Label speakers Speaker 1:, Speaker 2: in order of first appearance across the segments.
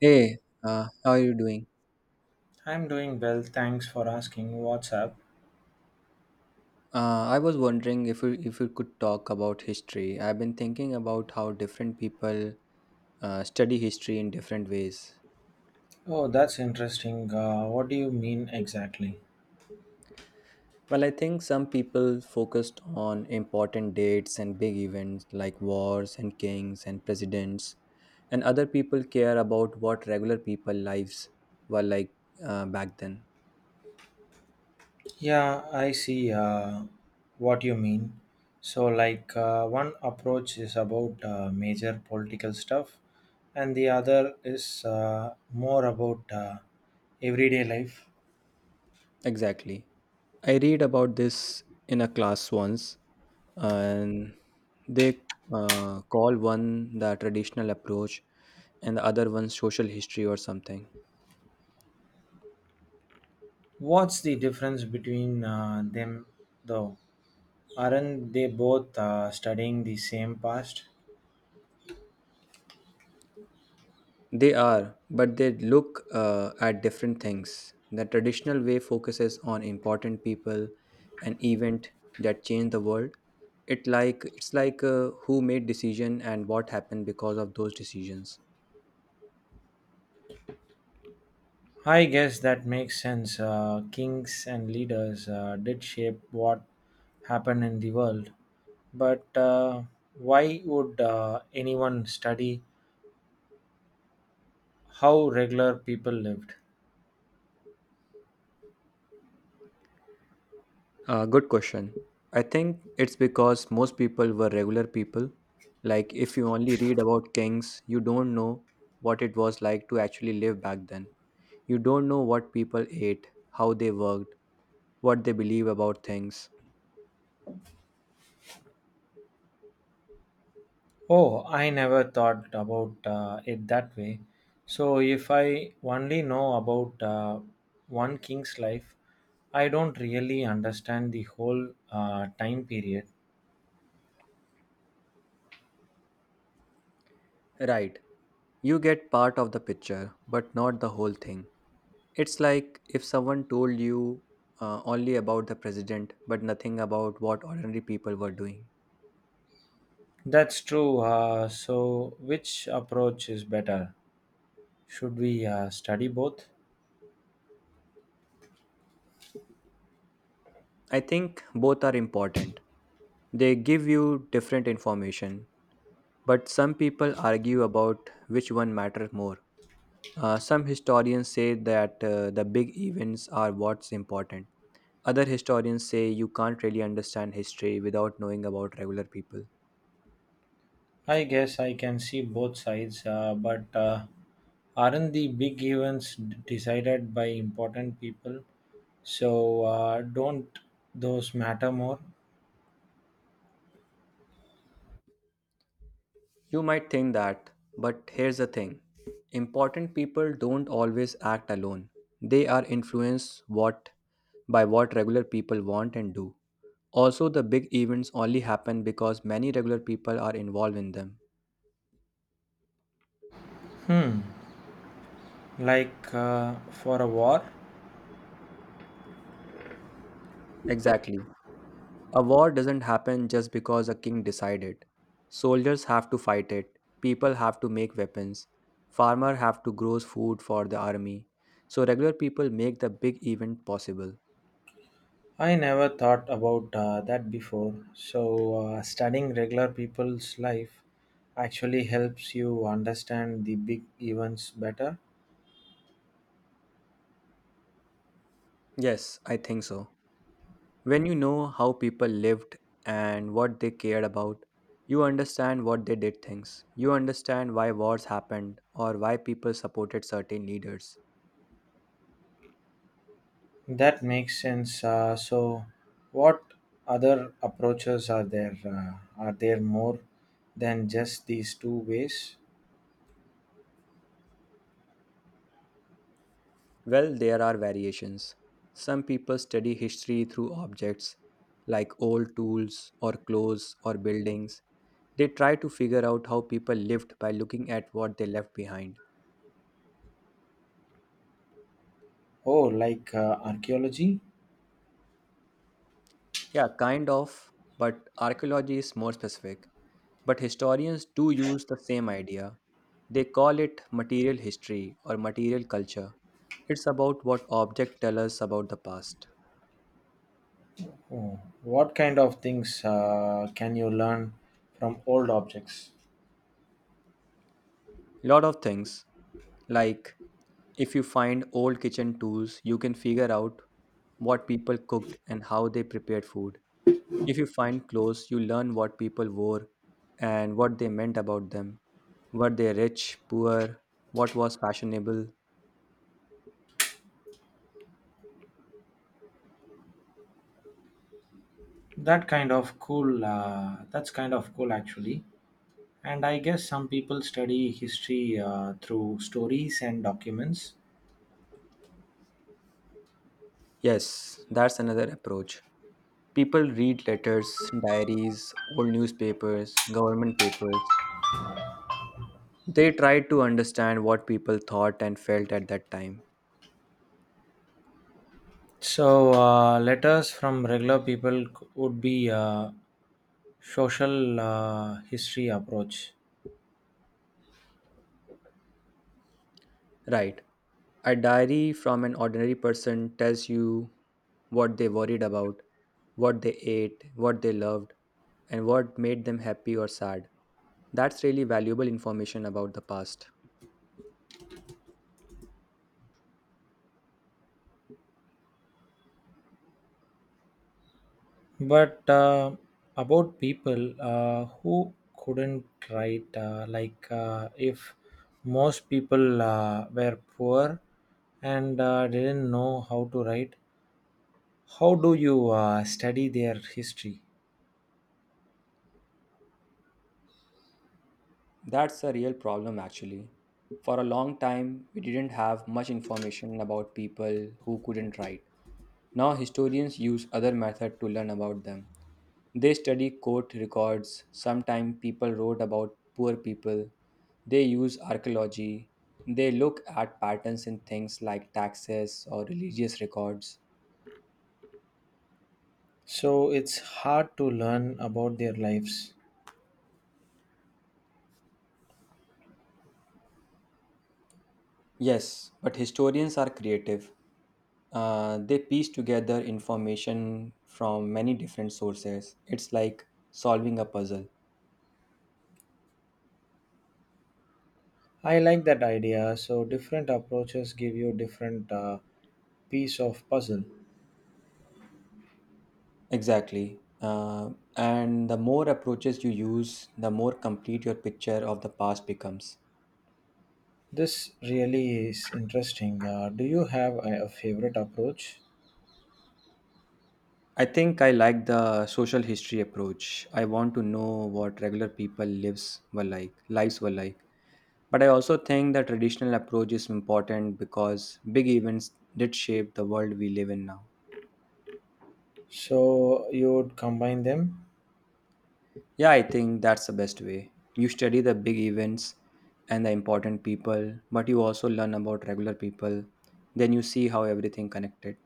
Speaker 1: Hey, how are you doing?
Speaker 2: I'm doing well, thanks for asking. What's up?
Speaker 1: I was wondering if we could talk about history. I've been thinking about how different people study history in different ways.
Speaker 2: Oh, that's interesting. What do you mean exactly?
Speaker 1: Well, I think some people focused on important dates and big events like wars and kings and presidents, and other people care about what regular people lives were like back then.
Speaker 2: Yeah, I see what you mean. So, like, one approach is about major political stuff, and the other is more about everyday life.
Speaker 1: Exactly. I read about this in a class once, and they call one the traditional approach and the other one social history or something.
Speaker 2: What's the difference between them, though? Aren't they both studying the same past?
Speaker 1: They are, but they look at different things. The traditional way focuses on important people and event that change the world. It's like who made decision and what happened because of those decisions.
Speaker 2: I guess that makes sense. Kings and leaders did shape what happened in the world. But why would anyone study how regular people lived?
Speaker 1: Good question. I think it's because most people were regular people. Like, if you only read about kings, you don't know what it was like to actually live back then. You don't know what people ate, how they worked, what they believe about things.
Speaker 2: Oh, I never thought about it that way. So, if I only know about one king's life, I don't really understand the whole time period.
Speaker 1: Right. You get part of the picture, but not the whole thing. It's like if someone told you only about the president, but nothing about what ordinary people were doing.
Speaker 2: That's true. So, which approach is better? Should we study both?
Speaker 1: I think both are important. They give you different information, but some people argue about which one matters more. Some historians say that the big events are what's important. Other historians say you can't really understand history without knowing about regular people.
Speaker 2: I guess I can see both sides, but aren't the big events decided by important people? So don't those matter more?
Speaker 1: You might think that, but here's the thing important people don't always act alone, they are influenced what by what regular people want and do. Also, the big events only happen because many regular people are involved in them.
Speaker 2: Hmm, like for a war?
Speaker 1: Exactly. A war doesn't happen just because a king decided. Soldiers have to fight it, people have to make weapons, farmer have to grow food for the army. So regular people make the big event possible.
Speaker 2: I never thought about that before. So, studying regular people's life actually helps you understand the big events better.
Speaker 1: Yes, I think so. When you know how people lived and what they cared about, you understand what they did things. You understand why wars happened or why people supported certain leaders.
Speaker 2: That makes sense. So, what other approaches are there? Are there more than just these two ways?
Speaker 1: Well, there are variations. Some people study history through objects like old tools or clothes or buildings. They try to figure out how people lived by looking at what they left behind.
Speaker 2: Oh, like archaeology?
Speaker 1: Yeah, kind of, but archaeology is more specific. But historians do use the same idea. They call it material history or material culture. It's about what objects tell us about the past.
Speaker 2: Oh, what kind of things can you learn from old objects?
Speaker 1: Lot of things. Like, if you find old kitchen tools, you can figure out what people cooked and how they prepared food. If you find clothes, you learn what people wore and what they meant about them. Were they rich, poor? What was fashionable?
Speaker 2: That kind of cool. That's kind of cool, actually. And I guess some people study history through stories and documents.
Speaker 1: Yes, that's another approach. People read letters, diaries, old newspapers, government papers. They try to understand what people thought and felt at that time.
Speaker 2: So, letters from regular people would be social history approach.
Speaker 1: Right. A diary from an ordinary person tells you what they worried about, what they ate, what they loved, and what made them happy or sad. That's really valuable information about the past.
Speaker 2: But about people who couldn't write, like if most people were poor and didn't know how to write, how do you study their history?
Speaker 1: That's a real problem, actually. For a long time, we didn't have much information about people who couldn't write. Now, historians use other methods to learn about them. They study court records. Sometimes people wrote about poor people. They use archaeology. They look at patterns in things like taxes or religious records.
Speaker 2: So, it's hard to learn about their lives.
Speaker 1: Yes, but historians are creative. They piece together information from many different sources. It's like solving a puzzle.
Speaker 2: I like that idea. So different approaches give you different piece of puzzle.
Speaker 1: Exactly. And the more approaches you use, the more complete your picture of the past becomes.
Speaker 2: This really is interesting. Do you have a favorite approach?
Speaker 1: I think I like the social history approach. I want to know what regular people lives were like, lives were like. But I also think the traditional approach is important because big events did shape the world we live in now.
Speaker 2: So you would combine them.
Speaker 1: Yeah, I think that's the best way. You study the big events and the important people, but you also learn about regular people. Then you see how everything connected.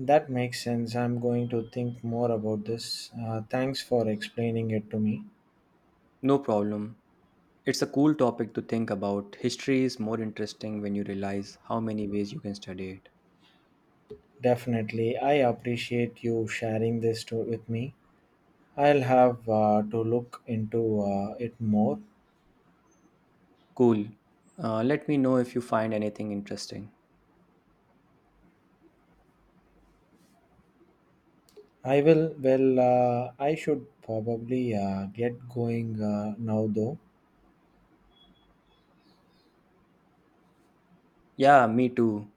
Speaker 2: That makes sense. I'm going to think more about this. Thanks for explaining it to me.
Speaker 1: No problem. It's a cool topic to think about. History is more interesting when you realize how many ways you can study it.
Speaker 2: Definitely, I appreciate you sharing this with me. I'll have to look into it more.
Speaker 1: Cool. Let me know if you find anything interesting.
Speaker 2: I will. Well, I should probably get going now, though.
Speaker 1: Yeah, me too.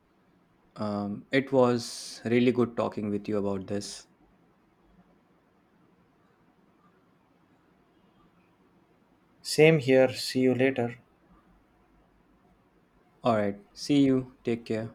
Speaker 1: It was really good talking with you about this.
Speaker 2: Same here. See you later.
Speaker 1: All right. See you. Take care.